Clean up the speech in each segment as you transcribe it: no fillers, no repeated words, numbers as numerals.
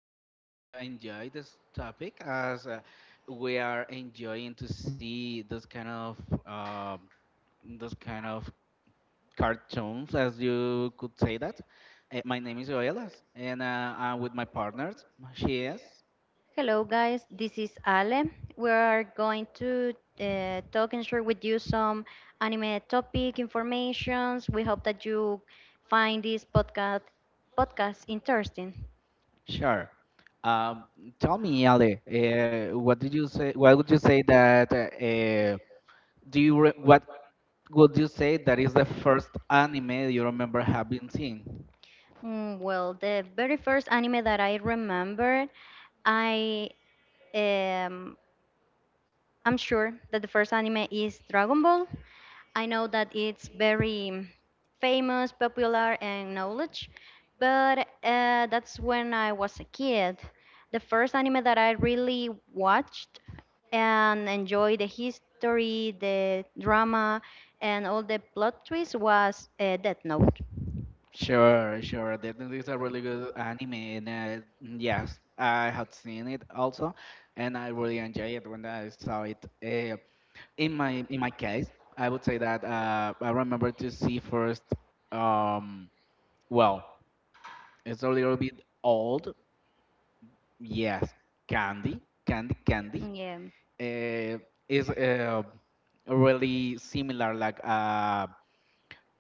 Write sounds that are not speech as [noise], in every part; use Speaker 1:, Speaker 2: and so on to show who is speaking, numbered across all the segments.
Speaker 1: really hope you enjoy this topic as we are enjoying to see those kind of um those kind of cartoons, as you could say that. My name is Yoelas, and I'm with my partners. She is.
Speaker 2: Hello, guys. This is Ale. We are going to talk and share with you some anime topic informations. We hope that you find this podcast interesting.
Speaker 1: Sure. Um, Tell me, Ale, what did you say? What would you say that? Do you re What would you say that is the first anime you remember having seen?
Speaker 2: Mm, well, the very first anime that I remember, I um, I'm sure that the first anime is Dragon Ball. I know that it's very famous, popular, and knowledge, but that's when I was a kid. The first anime that I really watched and enjoyed the history, the drama, and all the plot twists was Death Note.
Speaker 1: Sure, sure. That is a really good anime, and yes, I had seen it also, and I really enjoyed it when I saw it. Uh, in my case, I would say that I remember to see first. Um, well, it's a little bit old. Yes, Candy, Candy, Candy
Speaker 2: Yeah,
Speaker 1: uh, is really similar like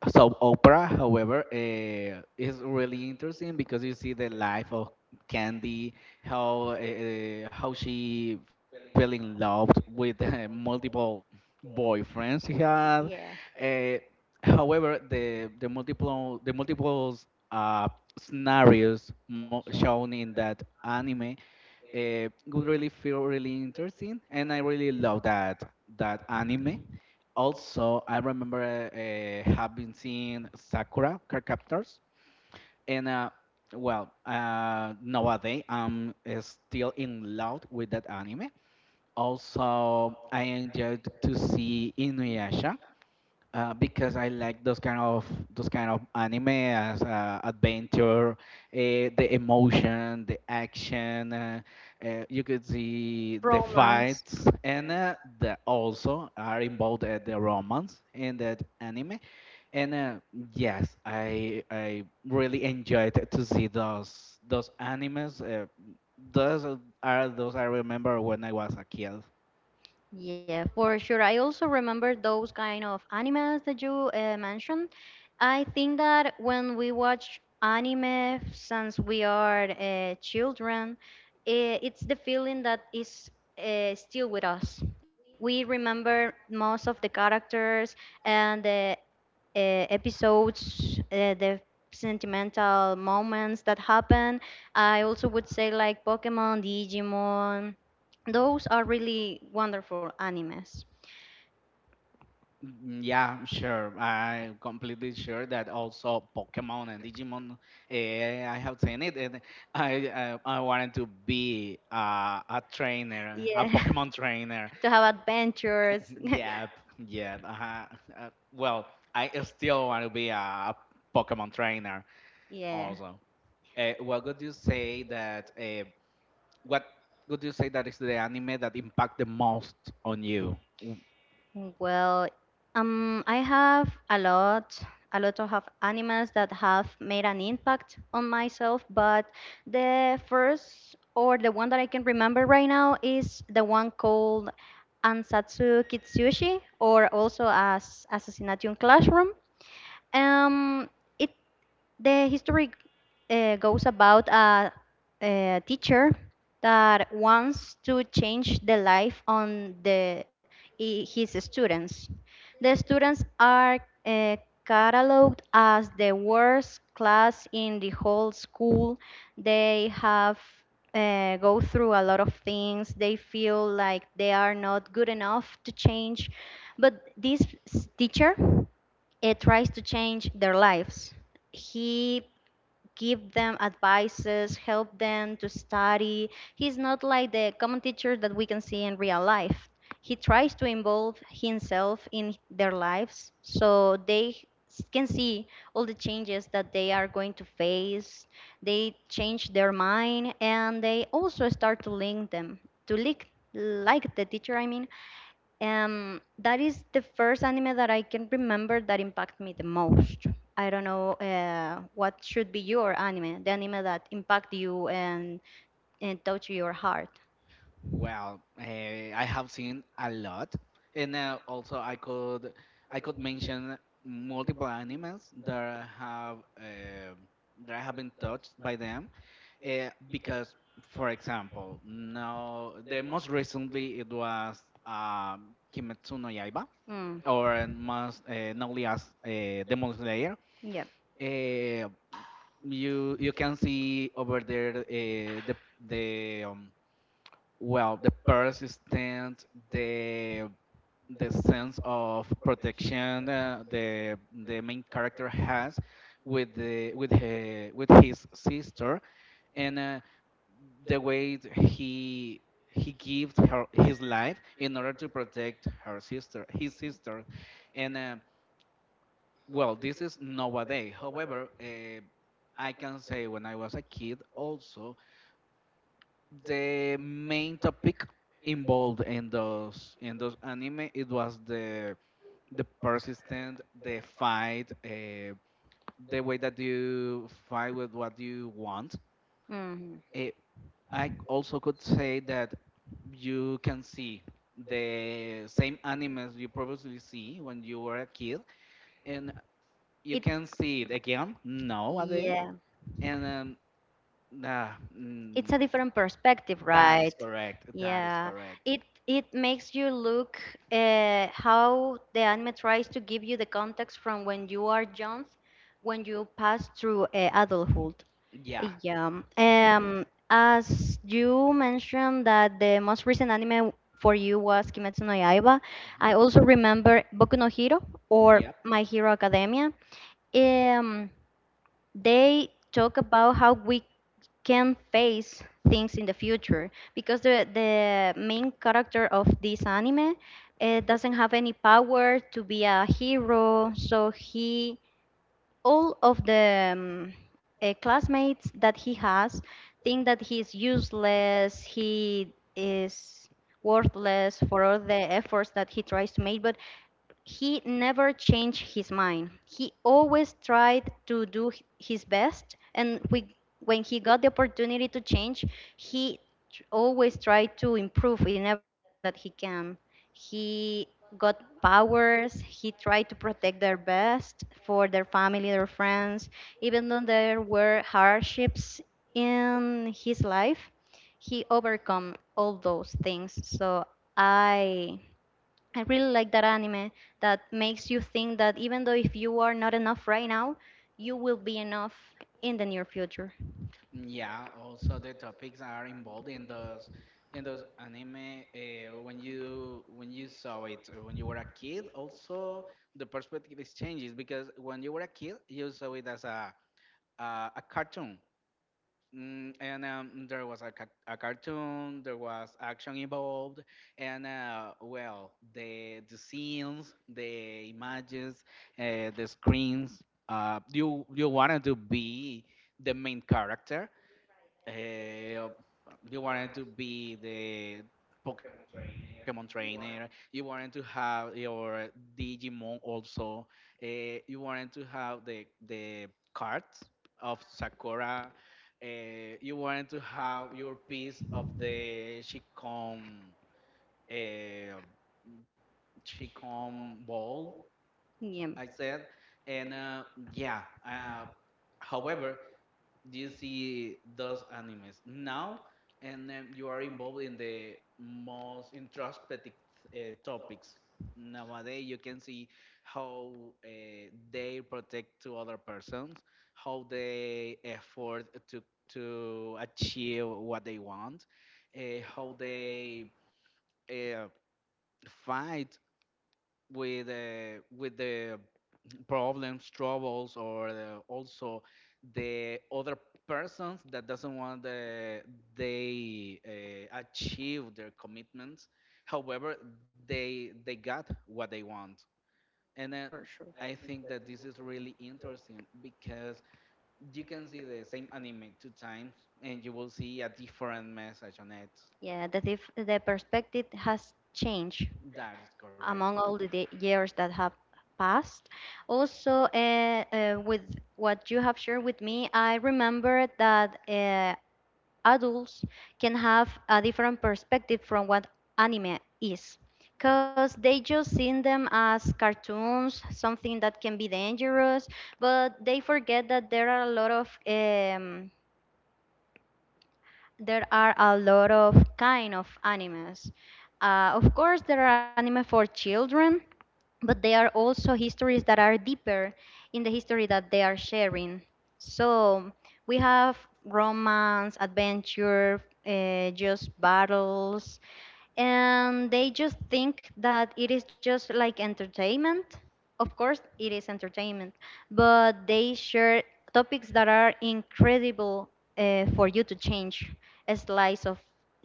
Speaker 1: soap opera. However, is really interesting because you see the life of Candy, how she fell in love with multiple boyfriends she had.
Speaker 2: yeah,
Speaker 1: Uh, However, the multiples uh, scenarios shown in that anime would really feel really interesting, and I really love that anime. Also, I remember having seen Sakura Card Captors, and nowadays I'm still in love with that anime. Also, I enjoyed to see Inuyasha because I like those kind of anime as adventure, the emotion, the action. You could see the
Speaker 2: romance.
Speaker 1: fights, and the also are involved the romance in that anime. And yes, I really enjoyed to see those animes. Those are those I remember when I was a kid.
Speaker 2: Yeah, for sure. I also remember those kind of animes that you mentioned. I think that when we watch anime since we are children, eh, it's the feeling that is still with us. We remember most of the characters and the episodes, the sentimental moments that happen. I also would say like Pokemon, Digimon. Those are really wonderful animes.
Speaker 1: Yeah, sure. I completely sure that also Pokemon and Digimon. I have seen it, and I I wanted to be a trainer, a
Speaker 2: Yeah.
Speaker 1: Pokemon trainer.
Speaker 2: [laughs] to have adventures. [laughs]
Speaker 1: [laughs] Yep, yep. Well, I still want to be a Pokemon trainer
Speaker 2: Yeah.
Speaker 1: also. Uh, what would you say that? Uh, what would you say that is the anime that impact the most on you?
Speaker 2: Well, I have a lot of have animals that have made an impact on myself, but the first or the one that I can remember right now is the one called Ansatsu Kitsushi, or also as Assassination Classroom. Um, it the history goes about a teacher that wants to change the life on the his students. The students are uh, cataloged as the worst class in the whole school. They have go through a lot of things. They feel like they are not good enough to change, but this teacher it tries to change their lives. He give them advices, help them to study. He's not like the common teacher that we can see in real life. He tries to involve himself in their lives so they can see all the changes that they are going to face. They change their mind, and they also start to link them to lick like the teacher. That is the first anime that I can remember that impacted me the most. I don't know what should be your anime, the anime that impact you and touch your heart.
Speaker 1: Well, I have seen a lot, and also I could mention multiple animals that have been touched by them, because for example, now the most recently it was Kimetsu no Yaiba,
Speaker 2: Mm.
Speaker 1: or most known as Demon Slayer.
Speaker 2: Yeah.
Speaker 1: Uh, you can see over there the well the the sense of protection the main character has with his sister and the way he gives her his life in order to protect her sister his sister. And well, this is nowadays. However, I can say when I was a kid also the main topic involved in those anime, it was the fight, the way that you fight with what you want.
Speaker 2: Mhm.
Speaker 1: Eh, I also could say that you can see the same animes you previously see when you were a kid and you
Speaker 2: It,
Speaker 1: can see it again nowadays.
Speaker 2: yeah.
Speaker 1: And nah,
Speaker 2: It's
Speaker 1: mm,
Speaker 2: a different perspective,
Speaker 1: that
Speaker 2: right?
Speaker 1: is correct, that is
Speaker 2: Yeah,
Speaker 1: correct,
Speaker 2: it it makes you look how the anime tries to give you the context from when you are young, when you pass through adulthood.
Speaker 1: yeah.
Speaker 2: Yeah.
Speaker 1: Yeah.
Speaker 2: As you mentioned that the most recent anime for you was Kimetsu no Yaiba, I
Speaker 1: hmm
Speaker 2: also remember Boku no Hero or
Speaker 1: Yep.
Speaker 2: My Hero Academia. Um, they talk about how we can face things in the future because the main character of this anime doesn't have any power to be a hero, so he all of the classmates that he has think that he's useless. He is worthless for all the efforts that he tries to make, but he never changed his mind. He always tried to do his best, and when he got the opportunity to change, he always tried to improve in everything that he can. He got powers, he tried to protect their best for their family, their friends, even though there were hardships in his life, he overcome all those things. So I I really like that anime that makes you think that even though if you are not enough right now, you will be enough in the near future.
Speaker 1: Yeah. Also, the topics are involved in those anime. When you saw it when you were a kid, also the perspective is changes, because when you were a kid, you saw it as a uh, a a cartoon. Mm, and There was a, a cartoon, there was action involved, and well, the scenes, the images, the screens. You wanted to be the main character, uh, you wanted to be the Pokemon trainer. You wanted to have your Digimon also. Uh, you wanted to have the cards of Sakura. Uh, you wanted to have your piece of the Shikon uh, Shikon ball.
Speaker 2: Yeah,
Speaker 1: I said, and yeah. However, you see those animes now and you are involved in the most introspective topics nowadays. You can see how uh, they protect to other persons, how they effort to achieve what they want, uh, how they uh, fight with the problems, troubles, or the, also the other persons that doesn't want the, they achieve their commitments. However, they got what they want, and then
Speaker 2: for sure.
Speaker 1: I think that this is really interesting because you can see the same anime two times, and you will see a different message on it.
Speaker 2: Yeah, the the perspective has changed
Speaker 1: That is correct.
Speaker 2: among all the years that have passed. Also, with what you have shared with me, I remember that. Adults can have a different perspective from what anime is because they just seen them as cartoons, something that can be dangerous, but they forget that there are a lot of there are a lot of kind of animes. Of course, there are anime for children, but there are also histories that are deeper in the history that they are sharing. So we have romance, adventure, just battles, and they just think that it is just like entertainment. Of course, it is entertainment, but they share topics that are incredible for you to change a slice of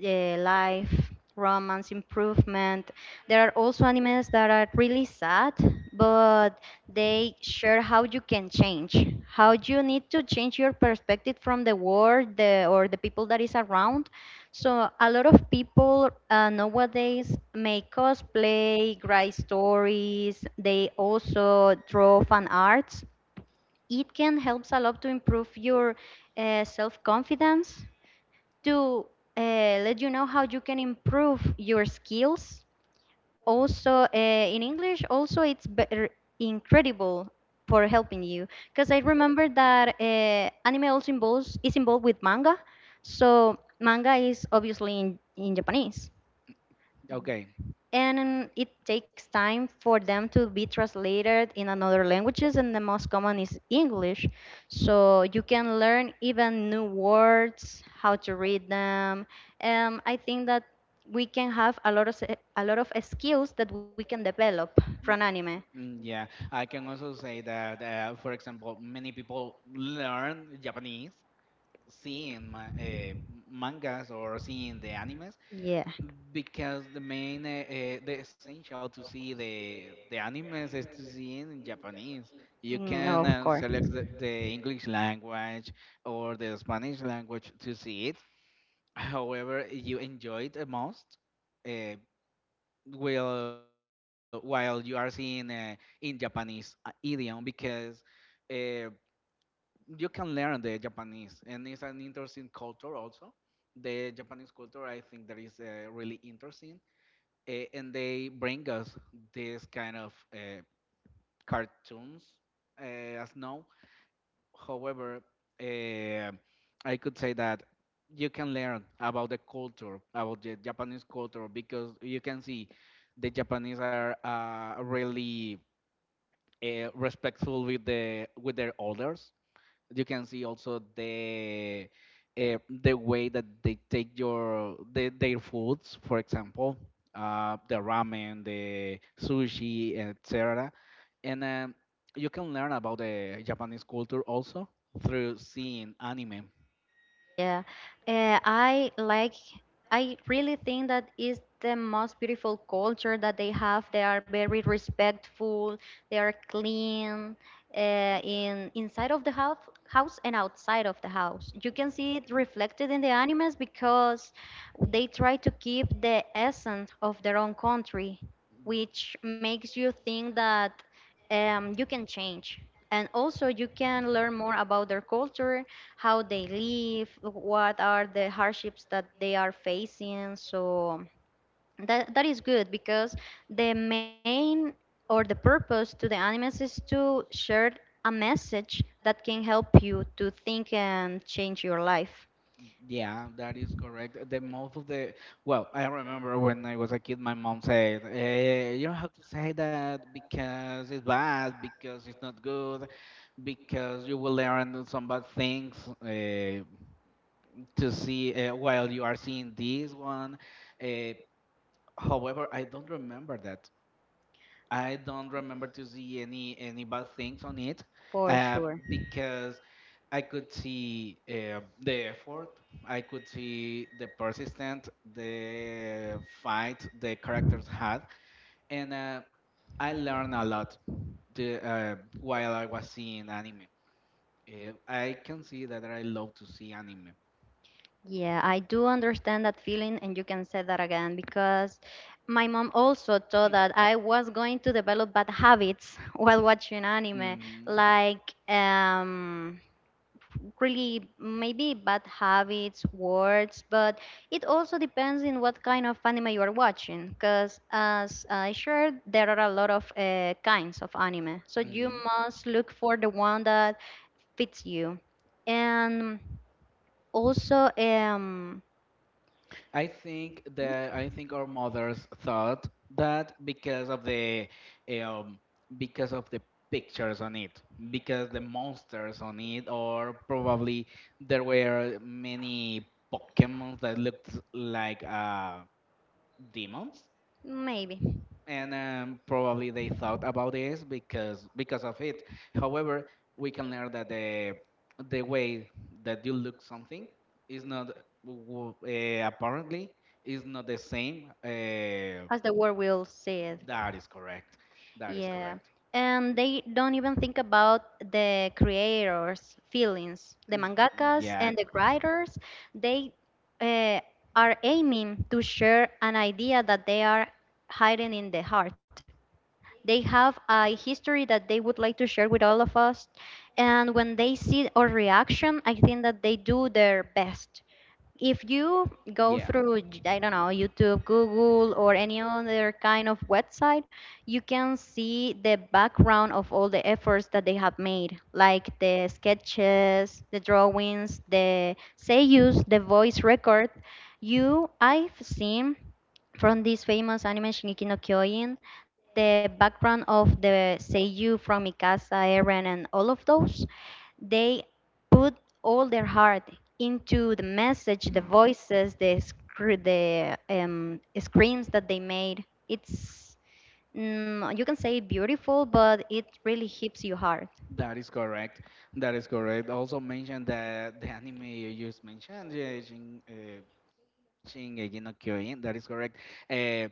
Speaker 2: life, romance, improvement. There are also animes that are really sad, but they share how you can change, how you need to change your perspective from the world the, or the people that is around. So a lot of people nowadays make cosplay, write stories. They also draw fan arts. It can helps a lot to improve your self confidence, to let you know how you can improve your skills. Also in English, also it's better incredible for helping you, because I remember that anime also involves is involved with manga, so manga is obviously in Japanese,
Speaker 1: Okay.
Speaker 2: and it takes time for them to be translated in another languages, and the most common is English. So you can learn even new words, how to read them. I think that we can have a lot of skills that we can develop from anime.
Speaker 1: Yeah, I can also say that, for example, many people learn Japanese seeing ma mangas or seeing the animes,
Speaker 2: Yeah.
Speaker 1: because the main, the essential to see the animes is to see in Japanese. You
Speaker 2: Mm,
Speaker 1: can
Speaker 2: of course.
Speaker 1: select the English language or the Spanish language to see it. However, you enjoy it the most uh, will while you are seeing in Japanese idiom, because uh, you can learn the Japanese and it's an interesting culture also. The Japanese culture, I think, that is really interesting, and they bring us this kind of cartoons as now. However, eh, I could say that you can learn about the culture, about the Japanese culture, because you can see the Japanese are really respectful with the with their elders. You can see also the way that they take your the, their foods, for example, the ramen, the sushi, etc. And you can learn about the Japanese culture also through seeing anime.
Speaker 2: Yeah, I like. I really think that is the most beautiful culture that they have. They are very respectful. They are clean in inside of the house and outside of the house. You can see it reflected in the animals because they try to keep the essence of their own country, which makes you think that you can change. And also, you can learn more about their culture, how they live, what are the hardships that they are facing. So that is good because the main or the purpose to the animes is to share a message that can help you to think and change your life
Speaker 1: Yeah, that is correct. The most of the, well, I remember when I was a kid, my mom said, "You don't have to say that because it's bad, because it's not good," because you will learn some bad things uh, to see while you are seeing this one. Uh, However, I don't remember that. I don't remember to see any bad things on it,
Speaker 2: for
Speaker 1: uh,
Speaker 2: sure.
Speaker 1: because I could see the effort. I could see the persistent, the fight the characters had, and I learned a lot the, while I was seeing anime. I can see that I love to see anime.
Speaker 2: Yeah, I do understand that feeling, and you can say that again because my mom also
Speaker 1: Hmm.
Speaker 2: thought that I was going to develop bad habits [laughs] while watching anime,
Speaker 1: Mm-hmm.
Speaker 2: like um, really maybe bad habits, words, but it also depends on what kind of anime you are watching. Because as I shared, there are a lot of kinds of anime, so you
Speaker 1: hmm
Speaker 2: must look for the one that fits you. And also,
Speaker 1: I think that I think our mothers thought that um because of the pictures on it, because the monsters on it, or probably there were many Pokemons that looked like demons.
Speaker 2: maybe,
Speaker 1: And probably they thought about this because of it. However, we can learn that the way that you look something is not apparently is not the same.
Speaker 2: as the world will see it.
Speaker 1: That is correct. That is
Speaker 2: Yeah.
Speaker 1: correct.
Speaker 2: And they don't even think about the creators' feelings. The
Speaker 1: Mm,
Speaker 2: mangakas and
Speaker 1: Yep.
Speaker 2: the writers, they uh, are aiming to share an idea that they are hiding in the heart. They have a history that they would like to share with all of us. And when they see our reaction, I think that they do their best. If
Speaker 1: Yep.
Speaker 2: you go through I don't know, YouTube, Google, or any other kind of website, you can see the background of all the efforts that they have made, like the sketches, the drawings, the seiyus, the voice record. You, I've seen from this famous anime Shingeki no Kyojin, the background of the Seiyu from Mikasa, Eren, and all of those, they put all their heart into the message, the
Speaker 1: Mm,
Speaker 2: voices, the the screens that they made. It's mm, you can say beautiful, but it really hits you hard.
Speaker 1: That is correct. That is correct. Also mentioned that the anime you just mentioned, Shin, uh, Shingeki no Kyojin. That is correct. Uh,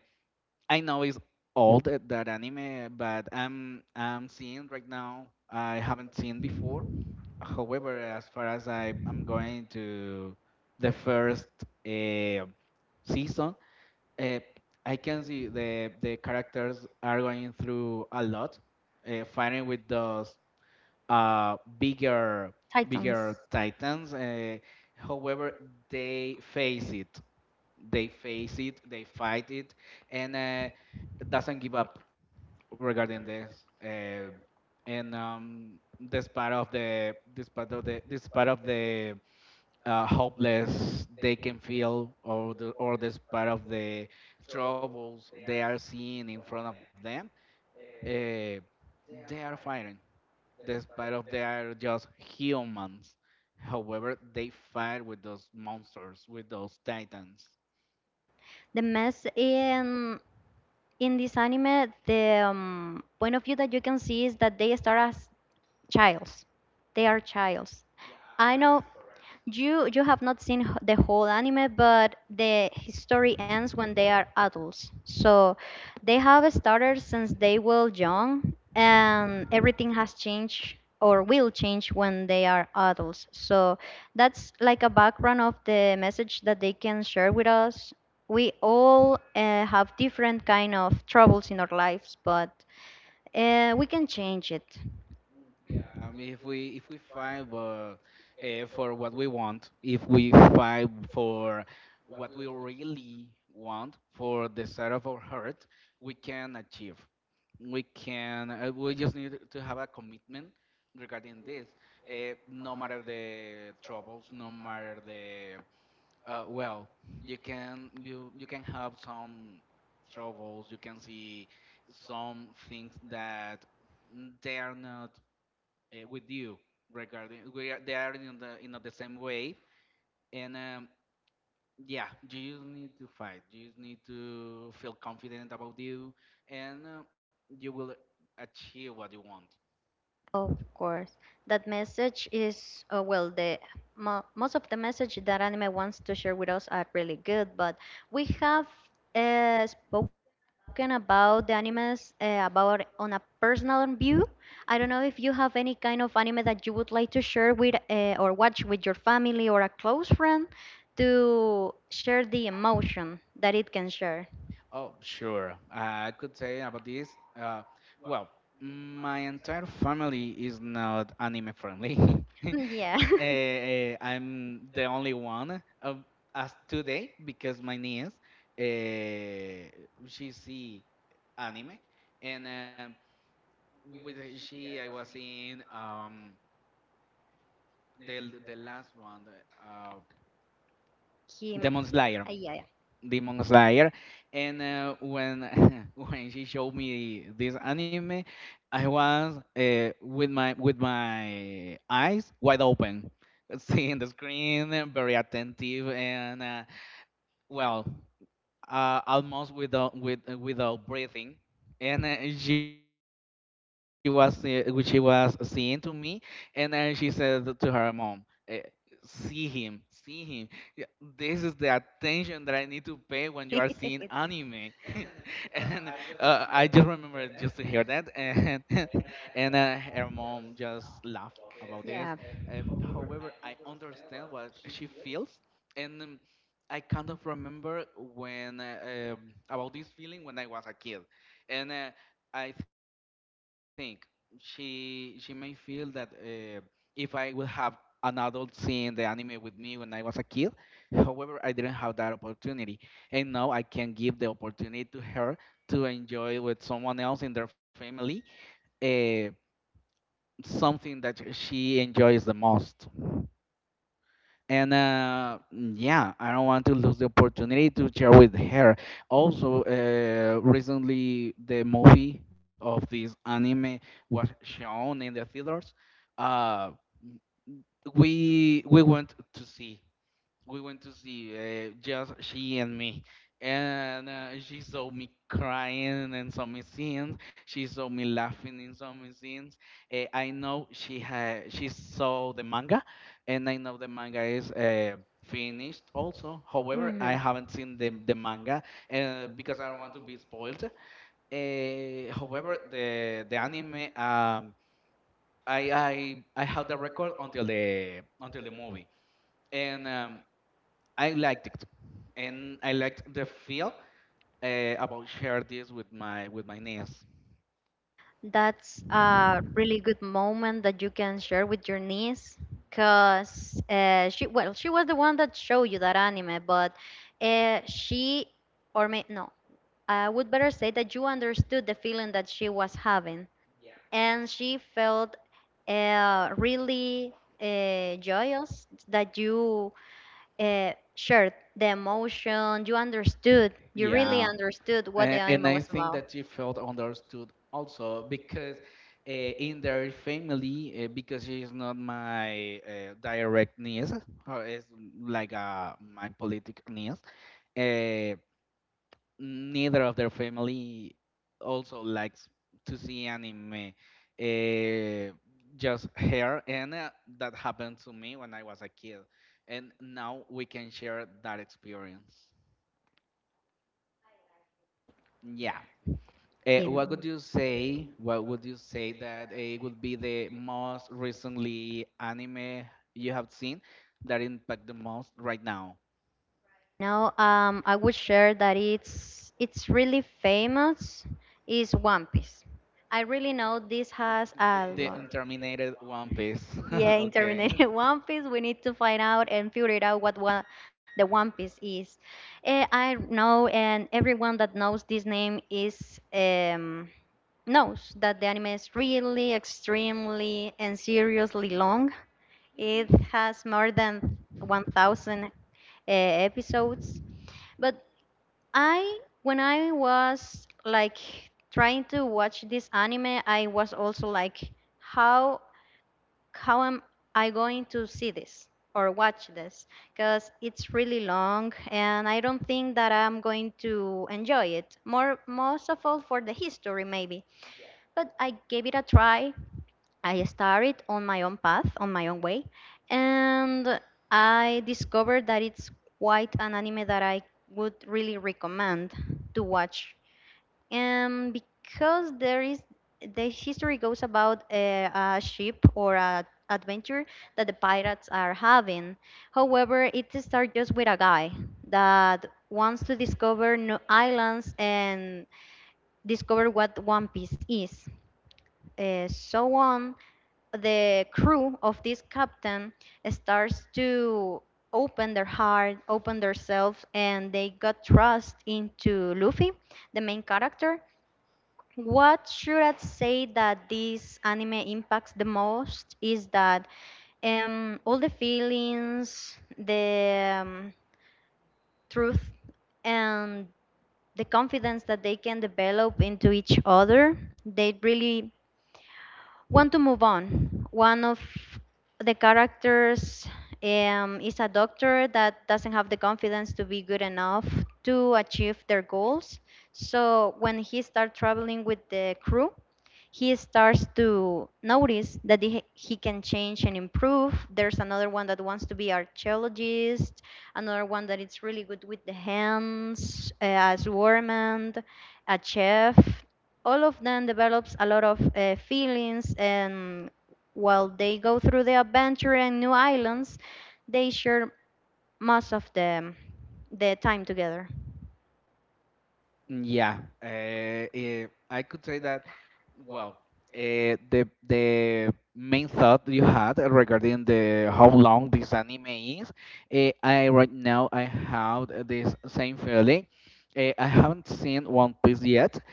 Speaker 1: I know it's old that, that anime, but I'm seeing right now. I haven't seen before. However, as far as I am going to the first uh, season, uh, I can see the characters are going through a lot, fighting with those uh, bigger
Speaker 2: Titans.
Speaker 1: bigger titans. However, they face it they face it, they fight it, and doesn't give up regarding this. Uh, and This part of the this part of the this part of the hopeless they can feel, or the or this part of the troubles they are seeing in front of them, uh, they are fighting. This part of they are just humans. However, they fight with those monsters, with those titans.
Speaker 2: The mess in this anime, the point of view that you can see is that they start as Childs. They are childs. I know you have not seen the whole anime, but the his story ends when they are adults. So they have started since they were young, and everything has changed or will change when they are adults. So that's like a background of the message that they can share with us. We all have different kind of troubles in our lives, but we can change it.
Speaker 1: If we fight but, eh, For what we want, if we fight for what we really want, for the side of our heart, we can achieve. We can. We just need to have a commitment regarding this. No matter the troubles, no matter the well, you can you can have some troubles. You can see some things that they are not with you regarding we are, they are in the same way. And yeah, you just need to fight, you just need to feel confident about you, and you will achieve what you want.
Speaker 2: Of course. That message is, well, the mo most of the message that anime wants to share with us are really good, but we have spoken about the animes about on a personal view. I don't know if you have any kind of anime that you would like to share with or watch with your family or a close friend to share the emotion that it can share.
Speaker 1: Oh, sure. I could say about this. Well, my entire family is not anime friendly.
Speaker 2: Mm,
Speaker 1: [laughs]
Speaker 2: yeah. [laughs]
Speaker 1: I'm the only one as today, because my niece, uh, she see anime, and with her- she I was in the last one, the, uh,
Speaker 2: Kim.
Speaker 1: Demon Slayer.
Speaker 2: Yeah.
Speaker 1: Demon Slayer, and when [laughs] when she showed me this anime, I was with my eyes wide open, [laughs] seeing the screen, very attentive, and well, almost without without breathing. And she was seeing to me, and she said to her mom, eh, "See him, see him. Yeah, this is the attention that I need to pay when you are seeing
Speaker 2: Yeah.
Speaker 1: anime."
Speaker 2: [laughs]
Speaker 1: [laughs] and I just remember just to hear that, and [laughs] and her mom just laughed about this.
Speaker 2: Yeah.
Speaker 1: However, I understand what she feels, and I kind of remember when about this feeling when I was a kid, and I think she may feel that if I would have an adult seeing the anime with me when I was a kid, [laughs] however, I didn't have that opportunity, and now I can give the opportunity to her to enjoy with someone else in their family uh, something that she enjoys the most and yeah, I don't want to lose the opportunity to share with her. Also, recently the movie of this anime was shown in the theaters. Uh, we we went to see we went to see just she and me and she saw me crying in some scenes, she saw me laughing in some scenes, I know she saw the manga, and I know the manga is finished also. However, I
Speaker 2: Mhm.
Speaker 1: haven't seen the manga because I don't want to be spoiled. However, the anime, I have the record until the movie, and I liked it, and I liked the feel about share this with my niece.
Speaker 2: That's a really good moment that you can share with your niece, cause she, well, she was the one that showed you that anime, but she or may no, I would better say that you understood the feeling that she was having, and she felt really joyous that you shared the emotion. You understood. You really
Speaker 1: Yeah,
Speaker 2: understood what the
Speaker 1: and,
Speaker 2: anime
Speaker 1: and
Speaker 2: was
Speaker 1: I think
Speaker 2: about.
Speaker 1: that she felt understood also because in their family, because she is not my direct niece, or is like my politic niece. Uh, Neither of their family also likes to see anime. Uh, just her, and that happened to me when I was a kid. And now we can share that experience. Yeah.
Speaker 2: Yeah.
Speaker 1: What would you say? What would you say that would be the most recently anime you have seen that impact the most right now?
Speaker 2: No, I would share that it's really famous is One Piece. I really know this has a
Speaker 1: The
Speaker 2: lot.
Speaker 1: unterminated One Piece. [laughs]
Speaker 2: Yeah, in
Speaker 1: Okay.
Speaker 2: Terminator [laughs] One Piece, we need to find out and figure it out what one, the One Piece is. I know, and everyone that knows this name is knows that the anime is really extremely and seriously long. It has more than 1,000 episodes. But when I was like trying to watch this anime, I was also like, how how am I going to see this or watch this? Because it's really long and I don't think that I'm going to enjoy it. Most of all for the history, maybe. But I gave it a try. I started on my own path, on my own way, and I discovered that it's quite an anime that I would really recommend to watch and because there is the history goes about a ship or a adventure that the pirates are having. However, it starts just with a guy that wants to discover new islands and discover what One Piece is. So on, the crew of this captain starts to open their heart, open themselves, and they got trust into Luffy, the main character. What should I say that this anime impacts the most is that all the feelings, the truth, and the confidence that they can develop into each other, they really want to move on. One of the characters is a doctor that doesn't have the confidence to be good enough to achieve their goals. So when he starts traveling with the crew, he starts to notice that he can change and improve. There's another one that wants to be archaeologist, another one that is really good with the hands, a swordman, a chef. All of them develops a lot of feelings and while they go through the adventure and new islands they share most of the time together.
Speaker 1: Yeah, I could say that. Well, the main thought you had regarding the how long this anime is, I right now I have this same feeling. I haven't seen One Piece yet.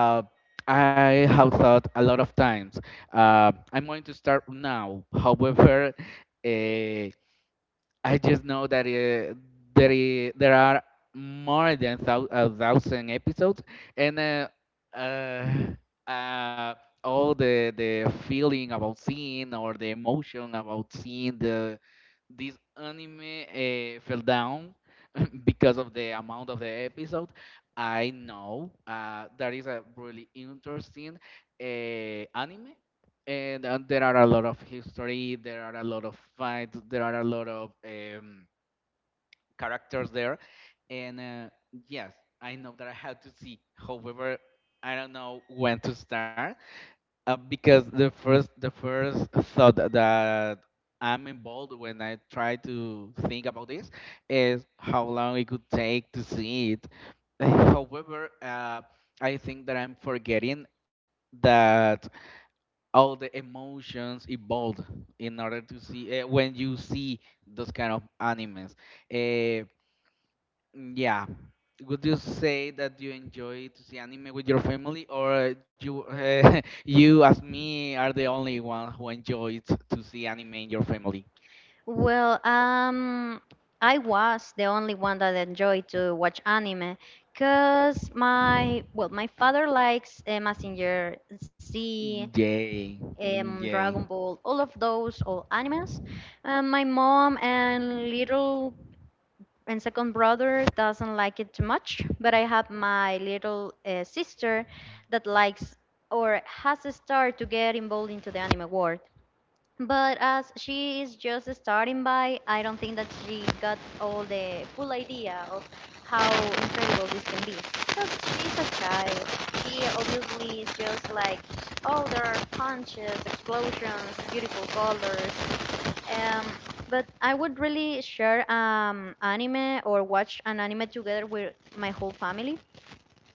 Speaker 1: Uh, I have thought a lot of times. I'm going to start now. However, uh, I just know that there are more than a thousand episodes, and uh, uh, all the feeling about seeing or the emotion about seeing the this anime fell down because of the amount of the episode. I know that is a really interesting anime, and there are a lot of history, there are a lot of fights, there are a lot of characters there, and yes, I know that I have to see. However, I don't know when to start, because the first thought that I'm involved when I try to think about this is how long it could take to see it. [sighs] However, I think that I'm forgetting that all the emotions evolved in order to see when you see those kind of animes. Uh, Yeah. Would you say that you enjoy to see anime with your family, or you, [laughs] you as me, are the only one who enjoys to see anime in your family?
Speaker 2: Well, I was the only one that enjoyed to watch anime because my well my father likes messenger z,
Speaker 1: Yay! Mm. Yay!
Speaker 2: Dragon Ball, all of those, all animes. My mom and little and second brother doesn't like it too much, but I
Speaker 1: Mhm.
Speaker 2: have my little sister that likes or has started to get involved into the anime world. But as she is just starting by I don't think that she got all the full idea of how incredible this can be because she's a child. She obviously is just like, oh, there are punches, explosions, beautiful colors, um, but I would really share anime or watch an anime together with my whole family.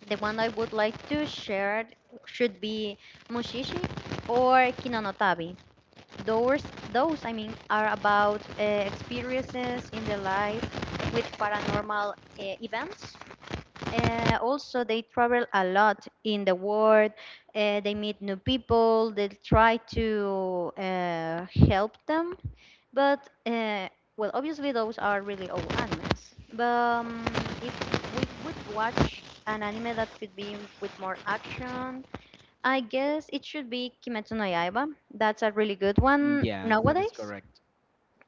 Speaker 2: The one I would like to share should be Mushishi or Kinanotabi. Those, those, I mean, are about experiences in their life with paranormal events. Also, they travel a lot in the world. They meet new people. They try to help them, but well, obviously those are really old animes. But if we would watch an anime that could be with more action, I guess it should be Kimetsu no Yaiba. That's a really good one
Speaker 1: Yes, that is
Speaker 2: nowadays.
Speaker 1: correct.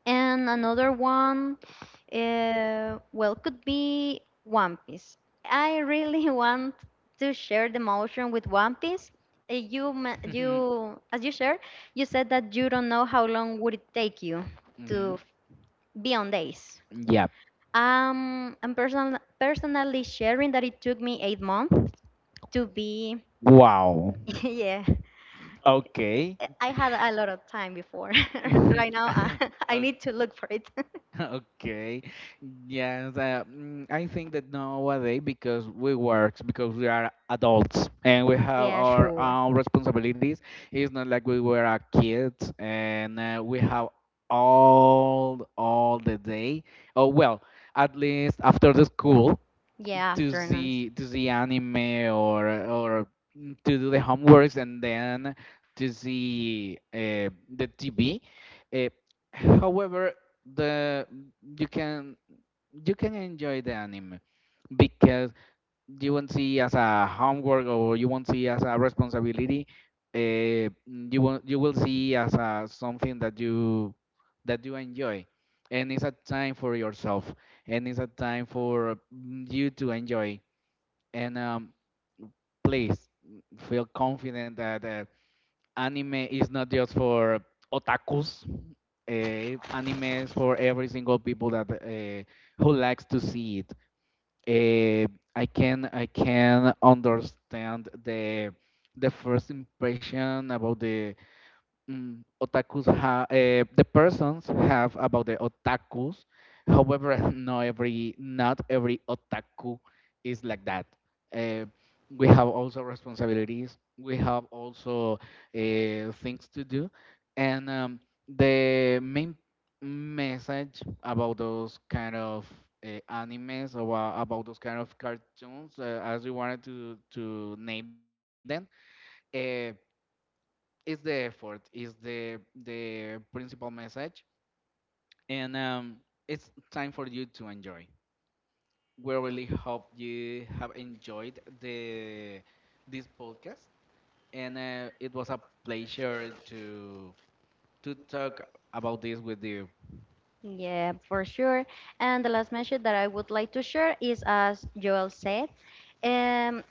Speaker 2: And another one, well, could be One Piece. I really [laughs] want to share the emotion with One Piece. Uh, You, ma-
Speaker 1: [laughs]
Speaker 2: you, as you shared, you said that you don't know how long would it take you
Speaker 1: Hmm.
Speaker 2: to beyond days.
Speaker 1: Yeah.
Speaker 2: I'm personally sharing that it took me 8 months to be,
Speaker 1: Wow.
Speaker 2: [laughs] yeah,
Speaker 1: Okay.
Speaker 2: I had a lot of time before. [laughs]
Speaker 1: Mhm.
Speaker 2: Right now,
Speaker 1: [laughs] [laughs]
Speaker 2: [laughs] I need
Speaker 1: Okay.
Speaker 2: to look for it.
Speaker 1: [laughs] Okay. Yes, I think that nowadays because we work, because we are adults and we
Speaker 2: [laughs]
Speaker 1: have
Speaker 2: Yeah,
Speaker 1: our
Speaker 2: sure.
Speaker 1: own responsibilities. It's not like we were a kid and we have all the day. Oh well, at least after the school
Speaker 2: Yeah,
Speaker 1: to
Speaker 2: afternoons.
Speaker 1: the anime or to do the homeworks and then to the TV. Uh, However, the you can you can enjoy the anime because you won't see as a homework or you won't see as a responsibility. Uh, you will see as a, something that you enjoy, and it's a time for yourself, and it's a time for you to enjoy. And please feel confident that anime is not just for otakus. Anime is for every single people that who likes to see it. Uh, I can understand the first impression about the otakus have the persons have about the otakus. However, [laughs] not every otaku is like that. Uh, we have also responsibilities. We have also things to do, and the main message about those kind of animes or about those kind of cartoons, as we wanted to name them, uh, it's the effort, is the principal message, and it's time for you to enjoy. We really hope you have enjoyed the this podcast, and it was a pleasure to talk about this with you.
Speaker 2: Yeah, for sure. And the last message that I would like to share is, as Joel said, um,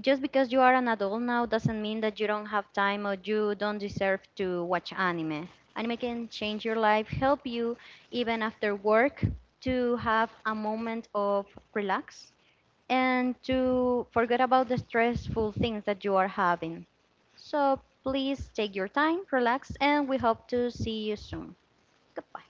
Speaker 2: just because you are an adult now doesn't mean that you don't have time or you don't deserve to watch anime. Anime can change your life, help you even after work to have a moment of relax and to forget about the stressful things that you are having. So please take your time, relax, and we hope to see you soon. Goodbye.